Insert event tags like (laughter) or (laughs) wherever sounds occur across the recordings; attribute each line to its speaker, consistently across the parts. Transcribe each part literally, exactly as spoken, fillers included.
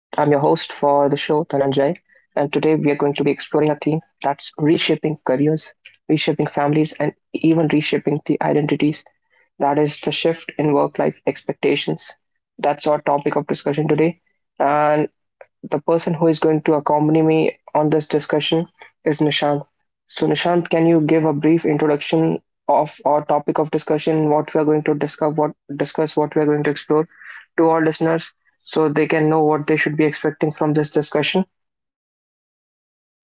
Speaker 1: and today we are going to be exploring a theme that's reshaping careers, reshaping families, and even reshaping the identities. That is the shift in work life expectations. That's our topic of discussion today. And the person who is going to accompany me on this discussion is Nishant. So, Nishant, can you give a brief introduction of our topic of discussion, what we are going to discuss, what discuss, what we are going to explore to our listeners, so they can know what they should be expecting from this discussion?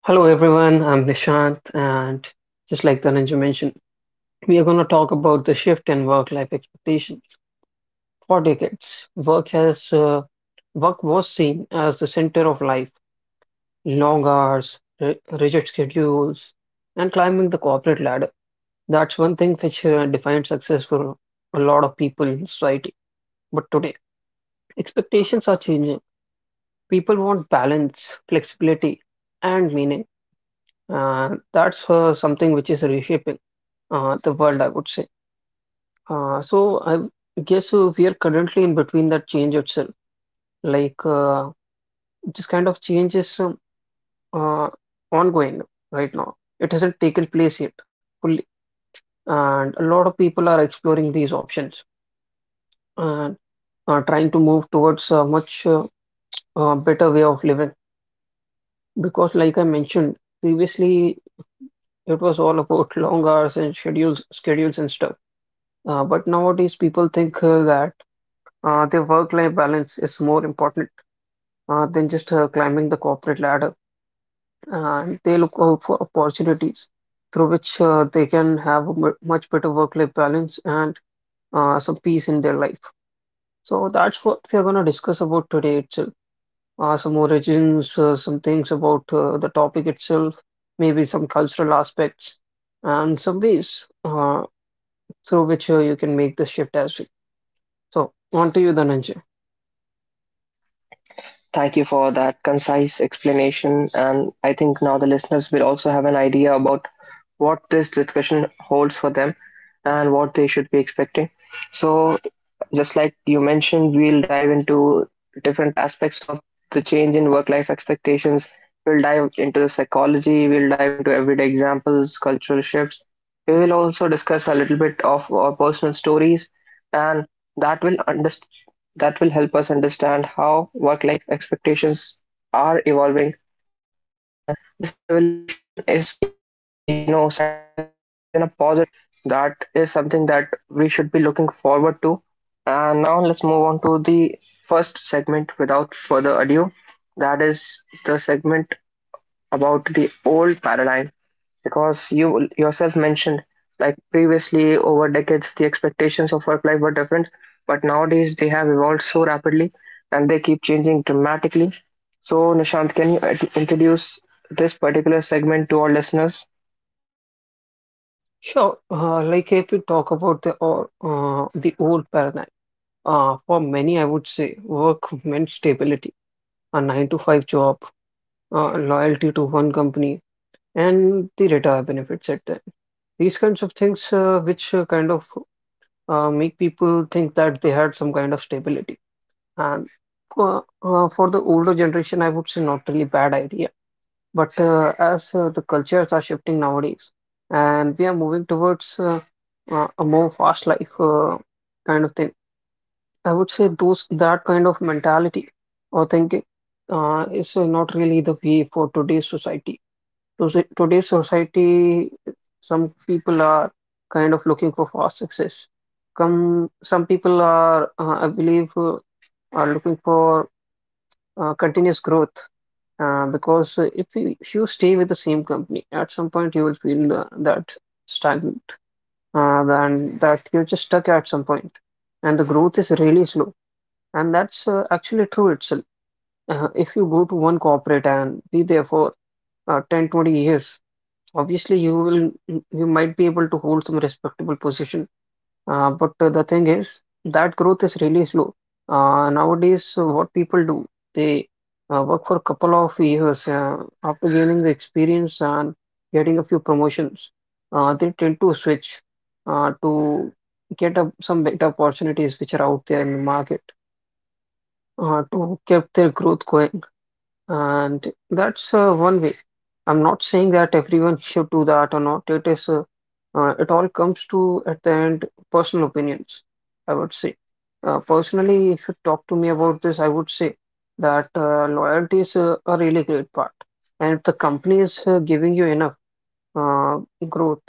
Speaker 2: Hello everyone, I'm Nishant, and just like Dhananjay mentioned, we are going to talk about the shift in work-life expectations. For decades, work has uh, work was seen as the center of life. Long hours, ri- rigid schedules, and climbing the corporate ladder. That's one thing which uh, defines success for a lot of people in society. But today, expectations are changing. People want balance, flexibility, and meaning. Uh, that's uh, something which is reshaping uh, the world, I would say. Uh, so I guess uh, we are currently in between that change itself. Like uh, this kind of change is um, uh, ongoing right now. It hasn't taken place yet fully, and a lot of people are exploring these options and uh, trying to move towards a much uh, uh, better way of living. Because, like I mentioned previously, it was all about (laughs) long hours and schedules, schedules and stuff. Uh, but nowadays, people think uh, that uh, their work-life balance is more important uh, than just uh, climbing the corporate ladder. And they look out for opportunities through which uh, they can have a mu- much better work-life balance and uh, some peace in their life. So that's what we are going to discuss about today itself. Uh, some origins, uh, some things about uh, the topic itself, maybe some cultural aspects, and some ways uh, through which uh, you can make the shift as well. So on to you, Dhananjay.
Speaker 1: Thank you for that concise explanation, and I think now the listeners will also have an idea about what this discussion holds for them and what they should be expecting. So, just like you mentioned, we'll dive into different aspects of the change in work life expectations. We'll dive into the psychology, we'll dive into everyday examples, cultural shifts. We will also discuss a little bit of our personal stories, and that will underst- that will help us understand how work life expectations are evolving. And this evolution is, you know, something that I think is in a positive way. That is something that we should be looking forward to, and now let's move on to the first segment without further ado. That is the segment about the old paradigm, because you yourself mentioned, like, previously over decades the expectations of work life were different, but nowadays they have evolved so rapidly and they keep changing dramatically. So, Nishant, can you int- introduce this particular segment to our listeners?
Speaker 2: Sure. Uh, like if we talk about the or uh, the old paradigm, uh, for many, I would say work meant stability, a nine to five job, uh, loyalty to one company, and the retire benefits at the end. These kinds of things, uh, which uh, kind of uh, make people think that they had some kind of stability. And for, uh, for the older generation, I would say not really bad idea but uh, as uh, the cultures are shifting nowadays, and we are moving towards uh, uh, a more fast life uh, kind of thing, I would say those that kind of mentality or thinking uh, is uh, not really the way for today's society. Tose- Today's society, some people are kind of looking for fast success. Come, some people are, uh, I believe, uh, are looking for uh, continuous growth uh, because uh, if you, if you stay with the same company, at some point you will feel uh, that stagnant, uh, and that you're just stuck at some point, and the growth is really slow. And that's uh, actually true itself. Uh, if you go to one corporate and be there for uh, ten, twenty years, obviously you will you might be able to hold some respectable position uh, but uh, the thing is that growth is really slow. Uh, nowadays, uh, what people do, they uh, work for a couple of years uh, after gaining the experience and getting a few promotions. Uh, they tend to switch uh, to get up some better opportunities which are out there in the market uh, to keep their growth going. And that's uh, one way. I'm not saying that everyone should do that or not. It is, uh, uh, it all comes to, at the end, personal opinions, I would say. Uh, personally, if you talk to me about this, I would say that uh, loyalty is a, a really great part. And if the company is uh, giving you enough uh, growth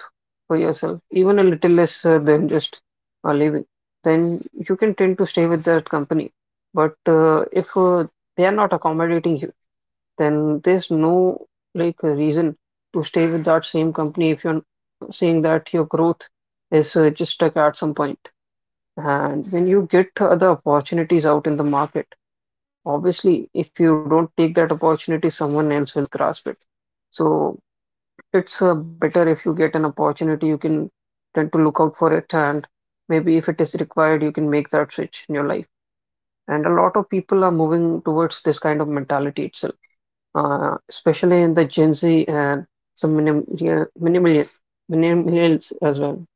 Speaker 2: for yourself, even a little less uh, than just uh, leaving, then you can tend to stay with that company. But uh, if uh, they are not accommodating you, then there's no like a reason to stay with that same company if you're seeing that your growth is uh, just stuck at some point. And when you get other opportunities out in the market, obviously, if you don't take that opportunity, someone else will grasp it. So it's uh, better if you get an opportunity, you can tend to look out for it, and maybe if it is required, you can make that switch in your life. And a lot of people are moving towards this kind of mentality itself uh, especially in the Gen Z and some minim yeah, millennial- millennials as well.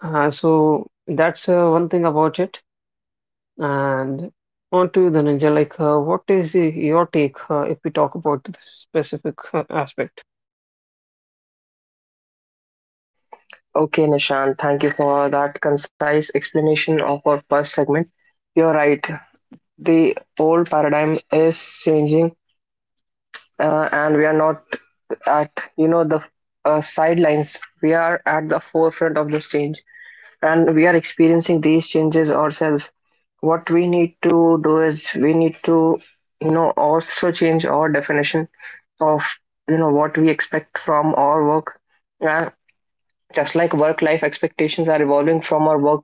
Speaker 2: Uh, so that's uh, one thing about it. And on to the Ninja, like, uh, what is y- your take uh, if we talk about the specific uh, aspect?
Speaker 1: Okay, Nishant, thank you for that concise explanation of our first segment. You're right. The old paradigm is changing, uh, and we are not at, you know, the uh, sidelines. We are at the forefront of this change, and we are experiencing these changes ourselves. What we need to do is we need to, you know, also change our definition of, you know, what we expect from our work. And just like work-life expectations are evolving from our work,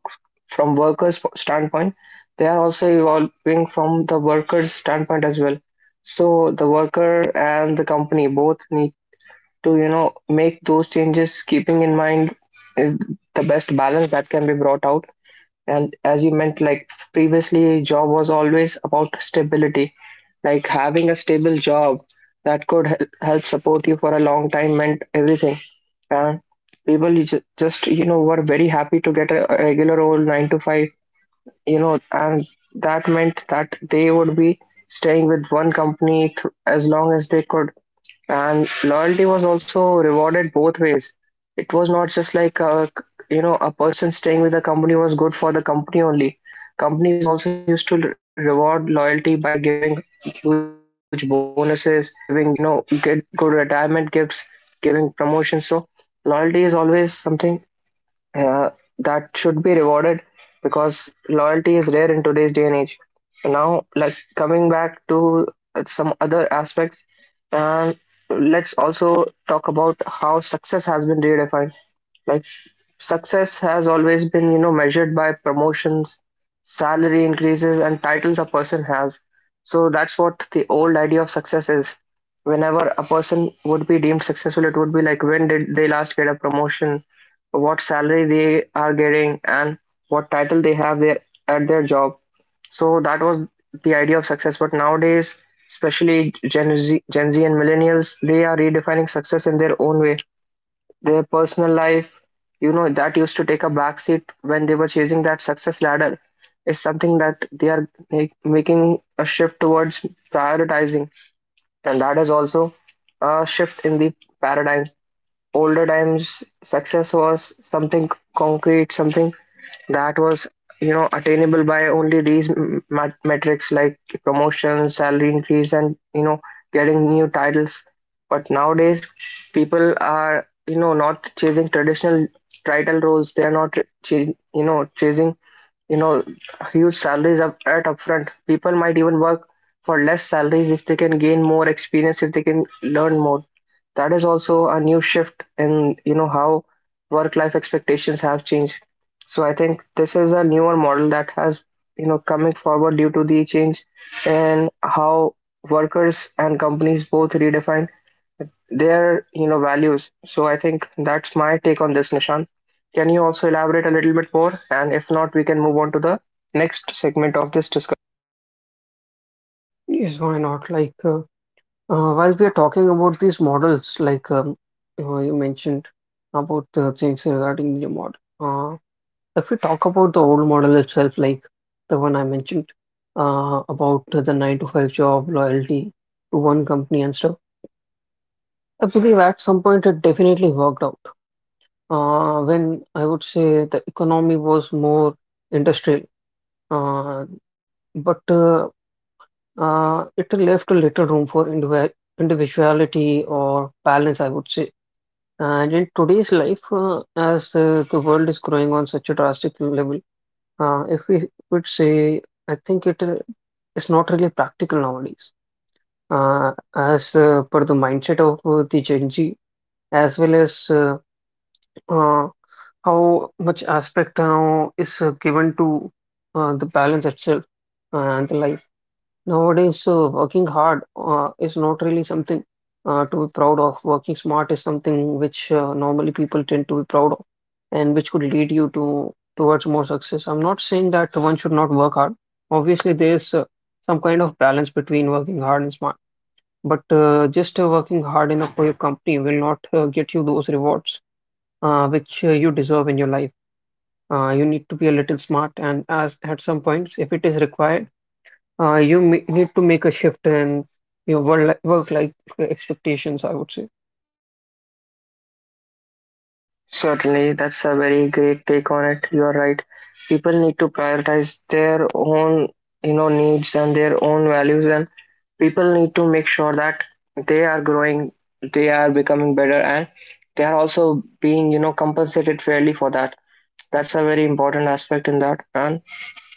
Speaker 1: from workers' standpoint, they are also evolving from the workers' standpoint as well. So the worker and the company both need to, you know, make those changes, keeping in mind is the best balance that can be brought out. And as you meant, like previously, job was always about stability. Like having a stable job that could hel- help support you for a long time meant everything. And people ju- just, you know, were very happy to get a a regular old nine to five, you know, and that meant that they would be staying with one company th- as long as they could. And loyalty was also rewarded both ways. It was not just like a, you know, a person staying with the company was good for the company only. Companies also used to reward loyalty by giving huge bonuses, giving, you know, get good retirement gifts, giving promotions. So loyalty is always something, uh, that should be rewarded, because loyalty is rare in today's day and age. Now, like, coming back to uh, some other aspects, um, let's also talk about how success has been redefined. Like, success has always been, you know, measured by promotions, salary increases, and titles a person has. So that's what the old idea of success is. Whenever a person would be deemed successful, it would be like when did they last get a promotion, what salary they are getting, and what title they have there at their job. So that was the idea of success. But nowadays, especially Gen Z, Gen Z and millennials, they are redefining success in their own way. Their personal life, you know, that used to take a backseat when they were chasing that success ladder. It's something that they are ma- making a shift towards prioritizing, and that is also a shift in the paradigm. Older times, success was something concrete, something that was, you know, attainable by only these m- mat- metrics like promotions, salary increase, and, you know, getting new titles. But nowadays, people are, you know, not chasing traditional title roles. They are not ch- you know, chasing, you know, huge salaries up at upfront. People might even work for less salaries if they can gain more experience, if they can learn more. That is also a new shift in, you know, how work-life expectations have changed. So I think this is a newer model that has, you know, coming forward due to the change in how workers and companies both redefine their, you know, values. So I think that's my take on this, Nishan. Can you also elaborate a little bit more? And if not, we can move on to the next segment of this discussion.
Speaker 2: Yes, why not? Like, uh, uh, while we are talking about these models, like um, uh, you mentioned about the things regarding the model. Uh, If we talk about the old model itself, like the one I mentioned uh, about the nine to five job, loyalty to one company and stuff, I believe at some point it definitely worked out. Uh, when I would say the economy was more industrial, uh, but uh, uh, it left a little room for indivi- individuality or balance, I would say. And in today's life, uh, as uh, the world is growing on such a drastic level, Uh, if we would say, I think it uh, is not really practical nowadays, uh, as uh, per the mindset of uh, the Gen Z, as well as uh, uh, how much aspect now is uh, given to uh, the balance itself uh, and the life. Nowadays, uh, working hard uh, is not really something uh, to be proud of. Working smart is something which uh, normally people tend to be proud of and which could lead you to towards more success. I'm not saying that one should not work hard. Obviously, there's uh, some kind of balance between working hard and smart, but uh, just uh, working hard enough for your company will not uh, get you those rewards uh, which uh, you deserve in your life. Uh, you need to be a little smart, and as at some points, if it is required uh, you ma- need to make a shift in your work work life expectations, I would say.
Speaker 1: Certainly, that's a very great take on it. You are right. People need to prioritize their own, you know, needs and their own values, and people need to make sure that they are growing, they are becoming better, and they are also being, you know, compensated fairly for that. That's a very important aspect in that. And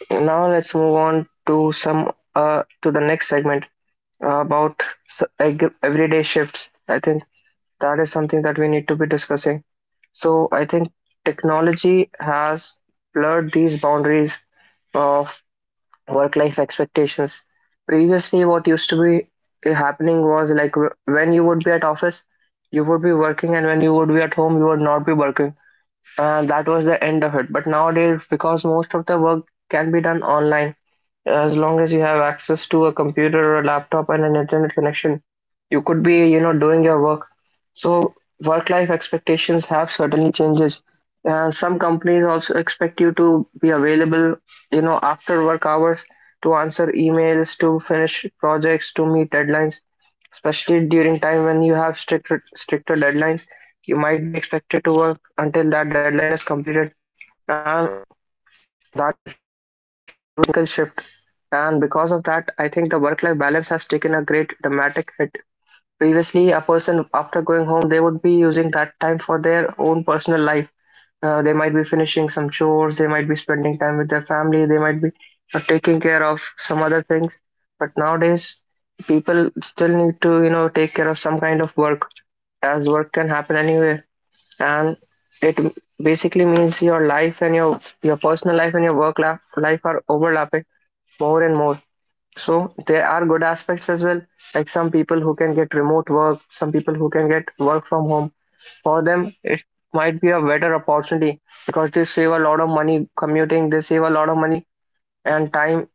Speaker 1: now let's move on to some uh, to the next segment uh, about s- eg- everyday shifts. I think that is something that we need to be discussing. So I think technology has blurred these boundaries of work-life expectations. Previously, what used to be happening was like w- when you would be at office, you would be working, and when you would be at home, you would not be working. Uh, that was the end of it. But nowadays, because most of the work can be done online, as long as you have access to a computer or a laptop and an internet connection, you could be, you know, doing your work. So work life expectations have certainly changes, and some companies also expect you to be available, you know, after work hours, to answer emails, to finish projects, to meet deadlines. Especially during time when you have stricter stricter deadlines, you might be expected to work until that deadline is completed. Um, that is a huge technological shift, and because of that, I think the work-life balance has taken a great dramatic hit. Previously, a person after going home, they would be using that time for their own personal life. Uh, they might be finishing some chores, they might be spending time with their family, they might be uh, taking care of some other things. But nowadays, people still need to, you know, take care of some kind of work, as work can happen anywhere, and it basically means your life and your your personal life and your work life, life are overlapping more and more. So there are good aspects as well. Like some people who can get remote work, some people who can get work from home, for them it might be a better opportunity because they save a lot of money commuting, they save a lot of money and time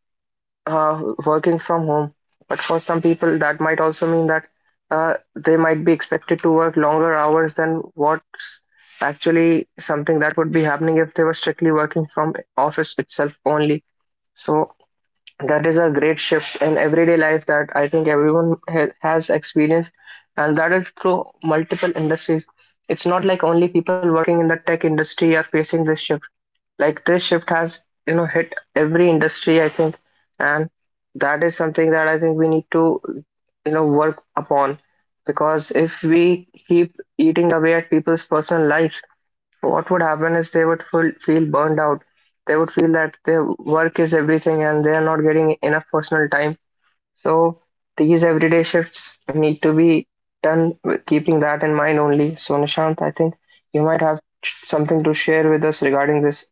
Speaker 1: uh, working from home. But for some people, that might also mean that uh, they might be expected to work longer hours than what's actually something that would be happening if they were strictly working from office itself only. So that is a great shift in everyday life that I think everyone ha- has experienced, and that is through multiple industries. It's not like only people working in the tech industry are facing this shift. Like this shift has, you know, hit every industry, I think. And that is something that I think we need to, you know, work upon, because if we keep eating away at people's personal lives, what would happen is they would full, feel burned out. They would feel that their work is everything and they are not getting enough personal time. So these everyday shifts need to be done with keeping that in mind only. So, Nishant, I think you might have something to share with us regarding this.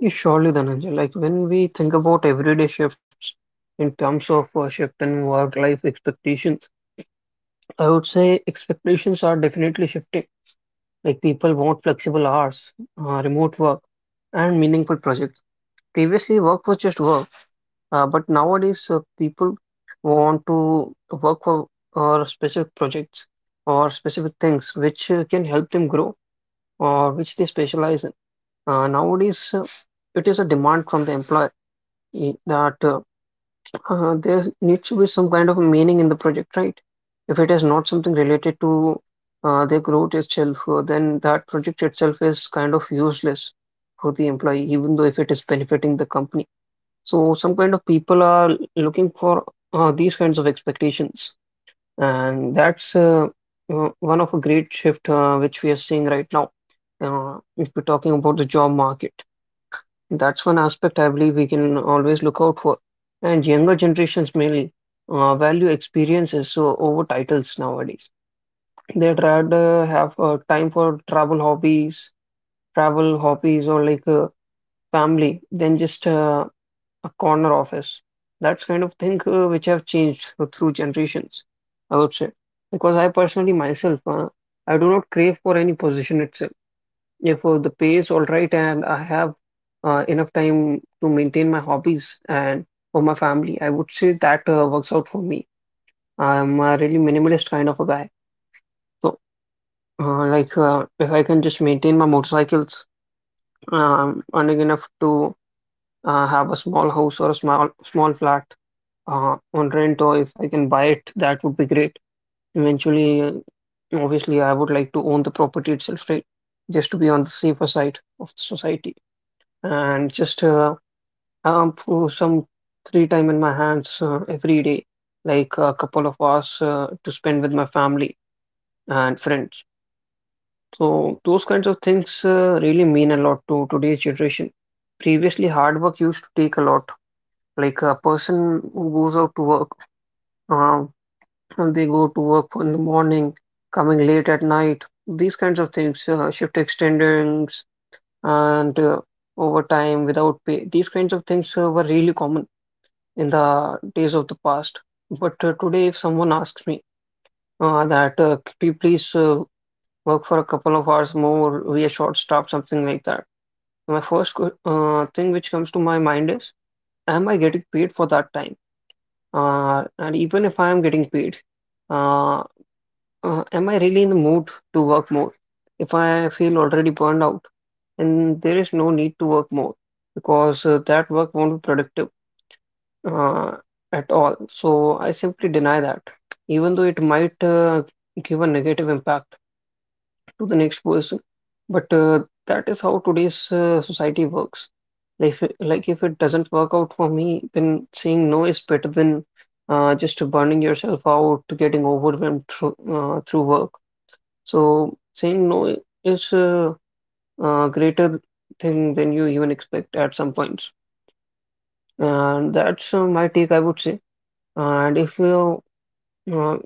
Speaker 2: Yes, surely, Dhananjay. Like when we think about everyday shifts in terms of uh, shift in work life expectations, I would say expectations are definitely shifting. Like people want flexible hours, uh, remote work, and meaningful projects. Previously, work was just work, uh, but nowadays uh, people want to work for uh, specific projects or specific things which uh, can help them grow uh, which they specialize in. Uh, nowadays, uh, it is a demand from the employer i- that uh, uh, there needs to be some kind of meaning in the project, right? If it is not something related to uh, the growth itself, uh, then that project itself is kind of useless for the employee, even though if it is benefiting the company. So some kind of people are looking for uh, these kinds of expectations. And that's uh, uh, one of a great shift uh, which we are seeing right now. Uh, if we're talking about the job market, that's one aspect I believe we can always look out for. And younger generations mainly uh, value experiences uh, over titles nowadays. They'd rather have uh, time for travel hobbies, travel hobbies, or like uh, family than just uh, a corner office. That's kind of thing uh, which have changed through generations, I would say. Because I personally myself, uh, I do not crave for any position itself. If uh, the pay is all right and I have uh, enough time to maintain my hobbies and for my family, I would say that uh, works out for me. I'm a really minimalist kind of a guy. So, uh, like, uh, if I can just maintain my motorcycles, um, earning enough to uh, have a small house or a small small flat uh, on rent or if I can buy it, that would be great. Eventually, uh, obviously, I would like to own the property itself, right? Just to be on the safer side of the society and just uh, um, for some free time in my hands uh, every day, like a couple of hours uh, to spend with my family and friends. So those kinds of things uh, really mean a lot to today's generation. Previously, hard work used to take a lot. Like a person who goes out to work, uh, uh, They go to work in the morning, coming late at night, these kinds of things, uh, shift extendings and uh, overtime without pay. These kinds of things uh, were really common in the days of the past. But uh, today, if someone asks me uh, that, uh, could you please uh, work for a couple of hours more, we are short staffed, something like that. My first que- uh, thing which comes to my mind is, am I getting paid for that time? Uh, and even if I am getting paid, uh, Uh, am I really in the mood to work more? If I feel already burned out, and there is no need to work more because uh, that work won't be productive uh, at all. So I simply deny that, even though it might uh, give a negative impact to the next person. But uh, that is how today's uh, society works. Like if, it- like if it doesn't work out for me, then saying no is better than uh, just burning yourself out, getting overwhelmed through uh, through work. So saying no is a, uh greater thing than you even expect at some points. And that's uh, my take, I would say. And if you, uh,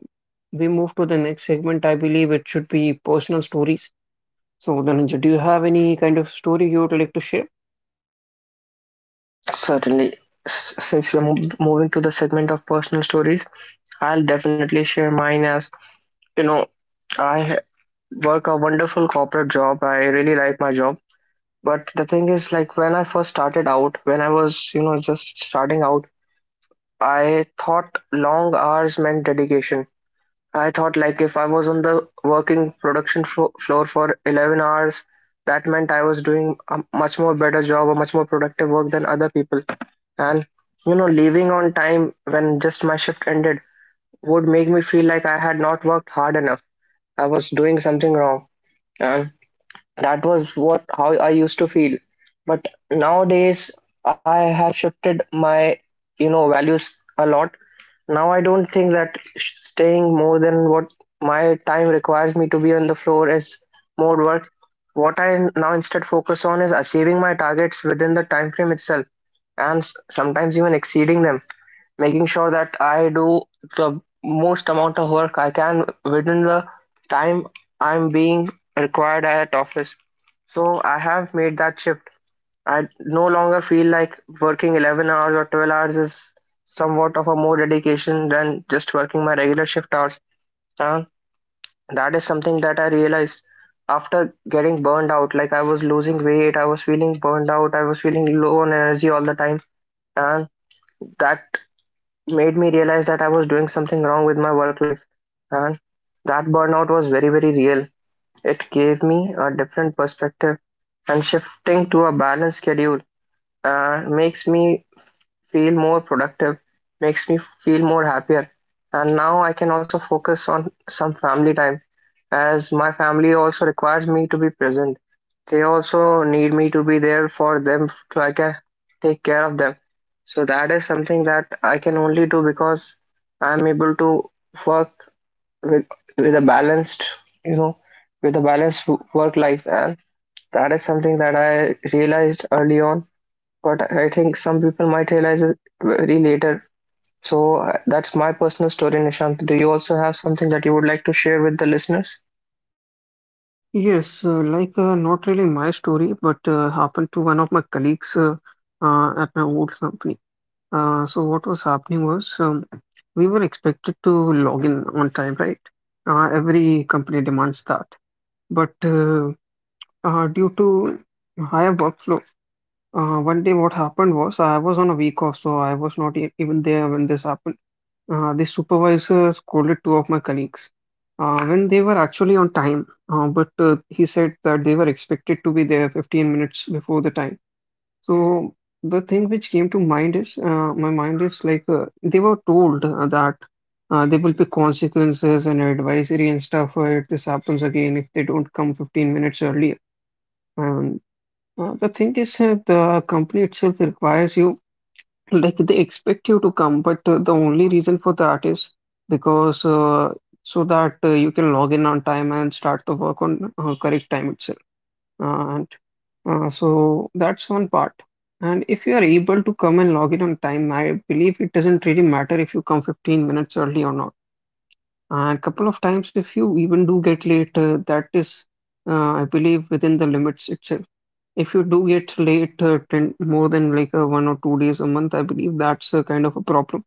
Speaker 2: we move to the next segment, I believe it should be personal stories. So, Dhananjay, do you have any kind of story you would like to share?
Speaker 1: Certainly. S- since we're mo- moving to the segment of personal stories, I'll definitely share mine. As, you know, I ha- work a wonderful corporate job. I really like my job. But the thing is, like, when I first started out, when I was, you know, just starting out, I thought long hours meant dedication. I thought, like, if I was on the working production flo- floor for eleven hours, that meant I was doing a much more better job, a much more productive work than other people. And, you know, leaving on time when just my shift ended would make me feel like I had not worked hard enough. I was doing something wrong. And that was what how I used to feel. But nowadays I have shifted my, you know, values a lot. Now I don't think that staying more than what my time requires me to be on the floor is more work. What I now instead focus on is achieving my targets within the time frame itself, and s- sometimes even exceeding them, making sure that I do the most amount of work I can within the time I'm being required at office. So I have made that shift. I no longer feel like working eleven hours or twelve hours is somewhat of a more dedication than just working my regular shift hours. Uh, that is something that I realized after getting burned out. Like I was losing weight, I was feeling burned out, I was feeling low on energy all the time. And that made me realize that I was doing something wrong with my work life. And that burnout was very, very real. It gave me a different perspective, and shifting to a balanced schedule uh, makes me feel more productive, makes me feel more happier. And now I can also focus on some family time as my family also requires me to be present. They also need me to be there for them so I can take care of them. So that is something that I can only do because I'm able to work with with a balanced, you know, with a balanced work life. And that is something that I realized early on, but I think some people might realize it very later. So uh, that's my personal story, Nishant. Do you also have something that you would like to share with the listeners?
Speaker 2: Yes, uh, like uh, not really my story, but uh, happened to one of my colleagues uh, uh, at my old company. Uh, so what was happening was um, we were expected to log in on time, right? Uh, every company demands that. But uh, uh, due to higher workflow, uh, one day what happened was I was on a week off, so I was not e even there when this happened. Uh, the supervisor scolded two of my colleagues uh, when they were actually on time, uh, but uh, he said that they were expected to be there fifteen minutes before the time. So the thing which came to mind is, uh, my mind is like uh, they were told uh, that uh, there will be consequences and advisory and stuff uh, if this happens again if they don't come fifteen minutes early. And uh, the thing is, uh, the company itself requires you, like they expect you to come, but uh, the only reason for that is because uh, so that uh, you can log in on time and start the work on uh, correct time itself. Uh, uh, so that's one part. And if you are able to come and log in on time, I believe it doesn't really matter if you come fifteen minutes early or not. And couple of times, if you even do get late, uh, that is, uh, I believe, within the limits itself. If you do get late, uh, ten, more than like uh, one or two days a month, I believe that's a kind of a problem.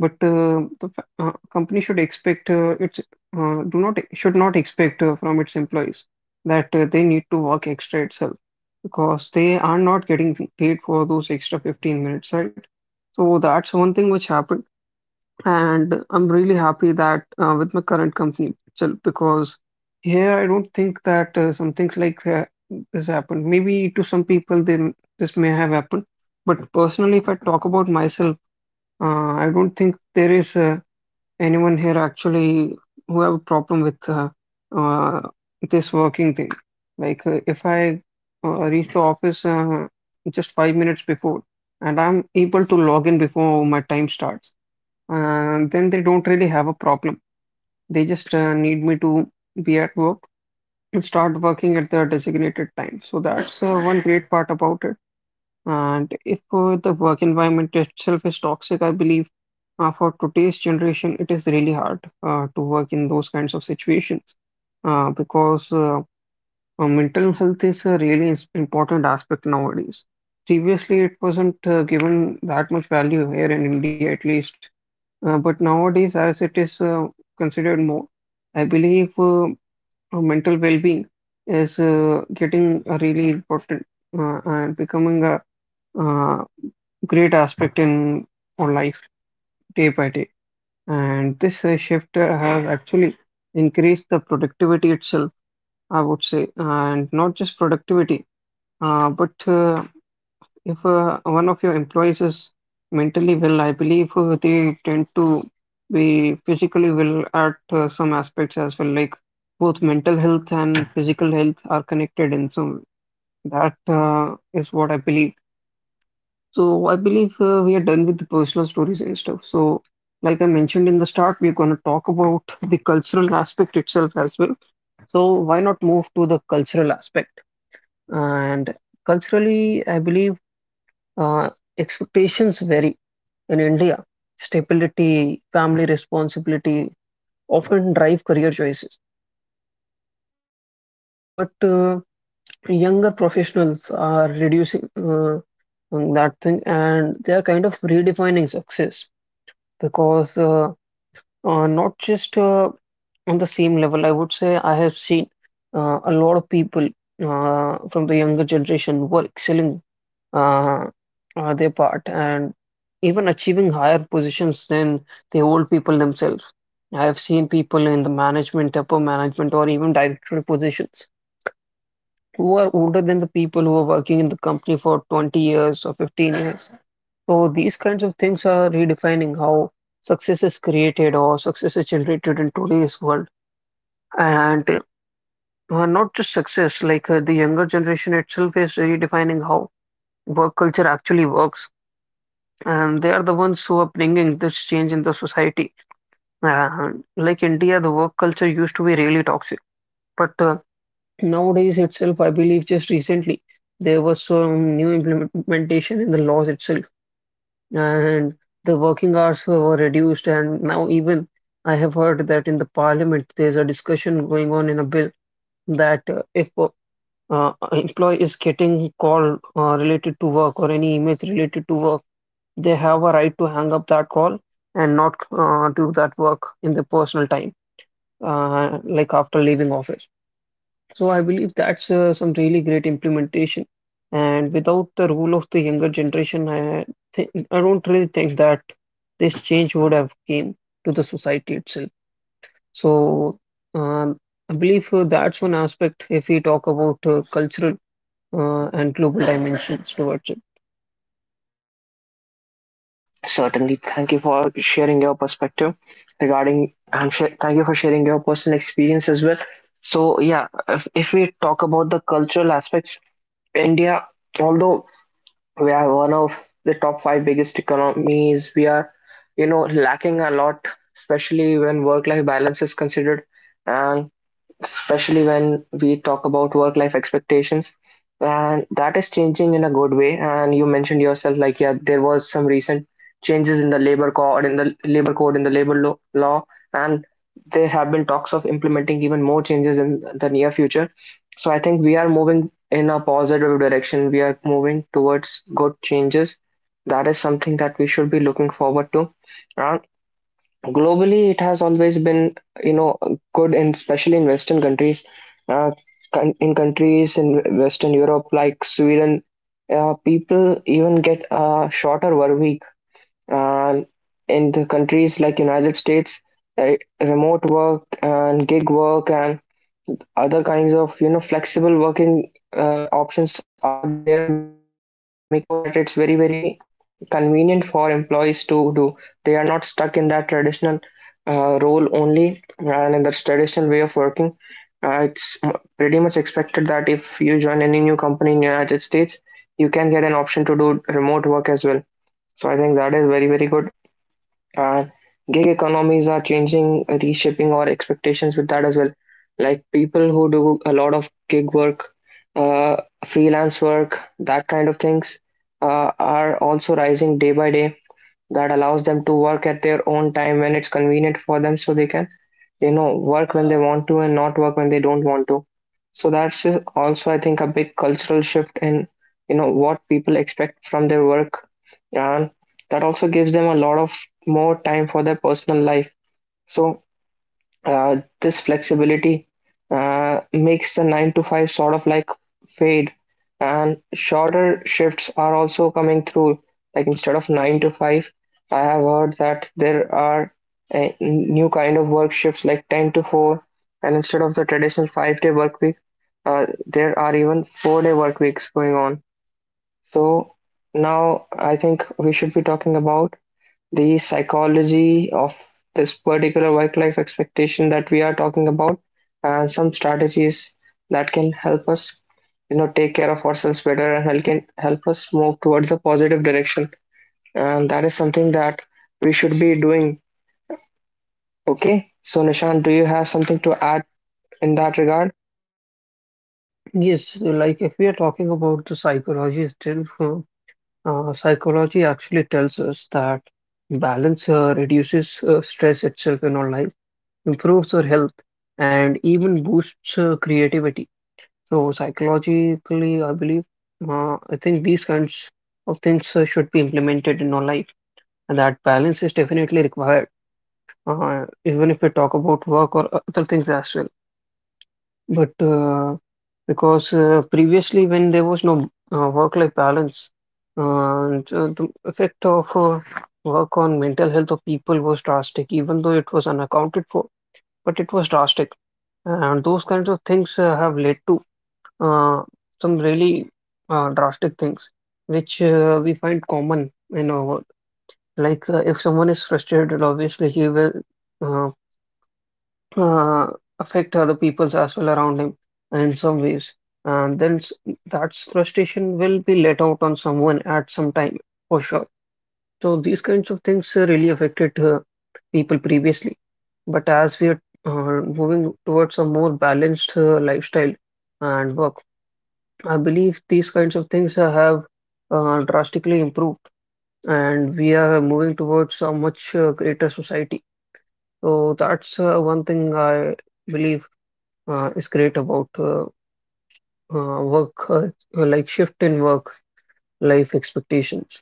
Speaker 2: But uh, the fa- uh, company should expect uh, its uh, do not should not expect uh, from its employees that uh, they need to work extra itself because they are not getting paid for those extra fifteen minutes, right? So that's one thing which happened, and I'm really happy that uh, with my current company itself because here I don't think that uh, some things like that this happened. Maybe to some people they, this may have happened, but personally, if I talk about myself, uh, I don't think there is. Uh, anyone here actually who have a problem with uh, uh, this working thing. Like uh, if I uh, reach the office uh, just five minutes before, and I'm able to log in before my time starts, uh, then they don't really have a problem. They just uh, need me to be at work and start working at the designated time. So that's uh, one great part about it. And if uh, the work environment itself is toxic, I believe uh, for today's generation, it is really hard uh, to work in those kinds of situations uh, because uh, uh, mental health is a really is- important aspect nowadays. Previously, it wasn't uh, given that much value here in India, at least. Uh, but nowadays, as it is uh, considered more, I believe uh, uh, mental well-being is uh, getting uh, really important uh, and becoming a uh, great aspect in our life day by day. And this uh, shift uh, has actually increased the productivity itself, I would say, and not just productivity, uh, but uh, if uh, one of your employees is mentally well, I believe uh, they tend to be physically well at uh, some aspects as well, like both mental health and physical health are connected in some way. That uh, is what I believe. So I believe uh, we are done with the personal stories and stuff. So, like I mentioned in the start, we're going to talk about the cultural aspect itself as well. So why not move to the cultural aspect? And culturally, I believe uh, expectations vary in India. Stability, family responsibility often drive career choices, but uh, younger professionals are reducing uh, on that thing, and they are kind of redefining success because. Uh, Uh, not just uh, on the same level, I would say I have seen uh, a lot of people uh, from the younger generation who are excelling uh, uh, their part and even achieving higher positions than the old people themselves. I have seen people in the management, upper management, or even directorial positions who are older than the people who are working in the company for twenty years or fifteen years. So these kinds of things are redefining how success is created or success is generated in today's world. And uh, not just success, like uh, the younger generation itself is redefining how work culture actually works. And they are the ones who are bringing this change in the society. And like India, the work culture used to be really toxic. But uh, nowadays itself, I believe just recently, there was some new implementation in the laws itself and the working hours were reduced. And now, even I have heard that in the parliament there's a discussion going on in a bill that uh, if uh, uh, an employee is getting call uh, related to work or any emails related to work, they have a right to hang up that call and not uh, do that work in the personal time, uh, like after leaving office. So I believe that's uh, some really great implementation. And without the role of the younger generation, I think I don't really think that this change would have came to the society itself. So um, I believe uh, that's one aspect if we talk about uh, cultural uh, and global dimensions towards it.
Speaker 1: Certainly. Thank you for sharing your perspective regarding, and sh- thank you for sharing your personal experience as well. So, yeah, if, if we talk about the cultural aspects, India, although we are one of the top five biggest economies, we are, you know, lacking a lot, especially when work-life balance is considered. And especially when we talk about work life expectations, and that is changing in a good way. And you mentioned yourself, like, yeah, there was some recent changes in the labor code, in the labor code in the labor lo- law, and there have been talks of implementing even more changes in the near future. So I think we are moving in a positive direction. We are moving towards good changes. That is something that we should be looking forward to. Uh, globally, it has always been, you know good, and especially in western countries, uh, con- in countries in western Europe like Sweden, uh, people even get a shorter work week. Uh, in the countries like United States, uh, remote work and gig work and other kinds of, you know flexible working uh, options are there that make it so that it's very, very convenient for employees to do. They are not stuck in that traditional uh, role only and in that traditional way of working. Uh, it's m- pretty much expected that if you join any new company in the United States, you can get an option to do remote work as well. So I think that is very, very good. And gig economies are changing, reshaping our expectations with that as well. Like people who do a lot of gig work, uh, freelance work, that kind of things uh, are also rising day by day, that allows them to work at their own time when it's convenient for them, so they can, you know work when they want to and not work when they don't want to. So that's uh, also, I think, a big cultural shift in, you know what people expect from their work, and that also gives them a lot of more time for their personal life. So uh, this flexibility uh, makes the nine to five sort of like fade, and shorter shifts are also coming through. Like instead of nine to five, I have heard that there are uh, new kind of work shifts like ten to four, and instead of the traditional five-day work week, uh, there are even four-day work weeks going on. So now I think we should be talking about the psychology of this particular work-life expectation that we are talking about, and some strategies that can help us, you know, take care of ourselves better and help can help us move towards a positive direction. And that is something that we should be doing. Okay. So Nishant, do you have something to add in that regard?
Speaker 2: Yes, so like if we are talking about the psychology still, uh, uh, psychology actually tells us that balance uh, reduces uh, stress itself in our life improves your health, and even boosts uh, creativity. So psychologically, I believe, uh, I think these kinds of things uh, should be implemented in our life, and that balance is definitely required. Uh, even if we talk about work or other things as well, but uh, because uh, previously when there was no uh, work-life balance, uh, and uh, the effect of uh, work on mental health of people was drastic, even though it was unaccounted for but it was drastic. And those kinds of things uh, have led to uh, some really uh, drastic things, which uh, we find common in our world. Like uh, if someone is frustrated, obviously he will uh, uh, affect other people's as well around him in some ways. And then s- that frustration will be let out on someone at some time for sure. So these kinds of things uh, really affected uh, people previously. But as we are uh, moving towards a more balanced uh, lifestyle and work, I believe these kinds of things uh, have uh, drastically improved, and we are moving towards a much uh, greater society. So that's uh, one thing I believe uh, is great about uh, uh, work, uh, like shift in work life expectations.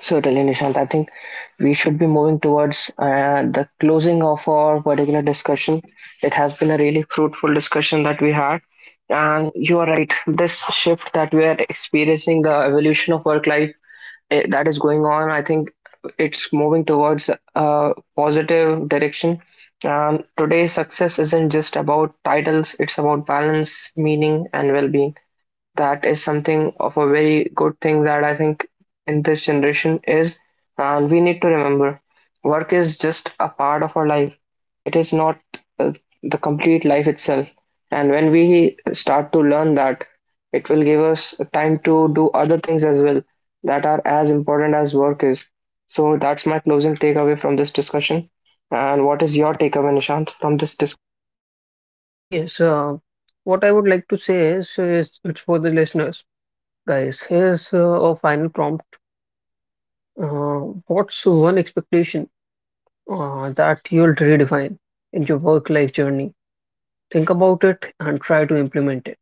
Speaker 1: Certainly, Nishant. I think we should be moving towards uh, the closing of our particular discussion. It has been a really fruitful discussion that we had. And you are right, this shift that we are experiencing, the evolution of work life eh, that is going on, I think it's moving towards a positive direction. Um, today's success isn't just about titles, it's about balance, meaning, and well being. That is something of a very good thing that I think in this generation is, and we need to remember work is just a part of our life. It is not uh, the complete life itself. And when we start to learn that, it will give us time to do other things as well that are as important as work is. So that's my closing takeaway from this discussion. And what is your takeaway, Nishant, from this discussion?
Speaker 2: Yes, uh, what I would like to say is, is it's for the listeners, guys. Here's uh, a final prompt. Uh, what's one expectation uh, that you'll redefine in your work life journey? Think about it and try to implement it.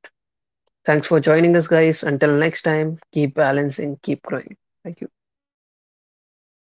Speaker 2: Thanks for joining us, guys. Until next time, keep balancing, keep growing. Thank you.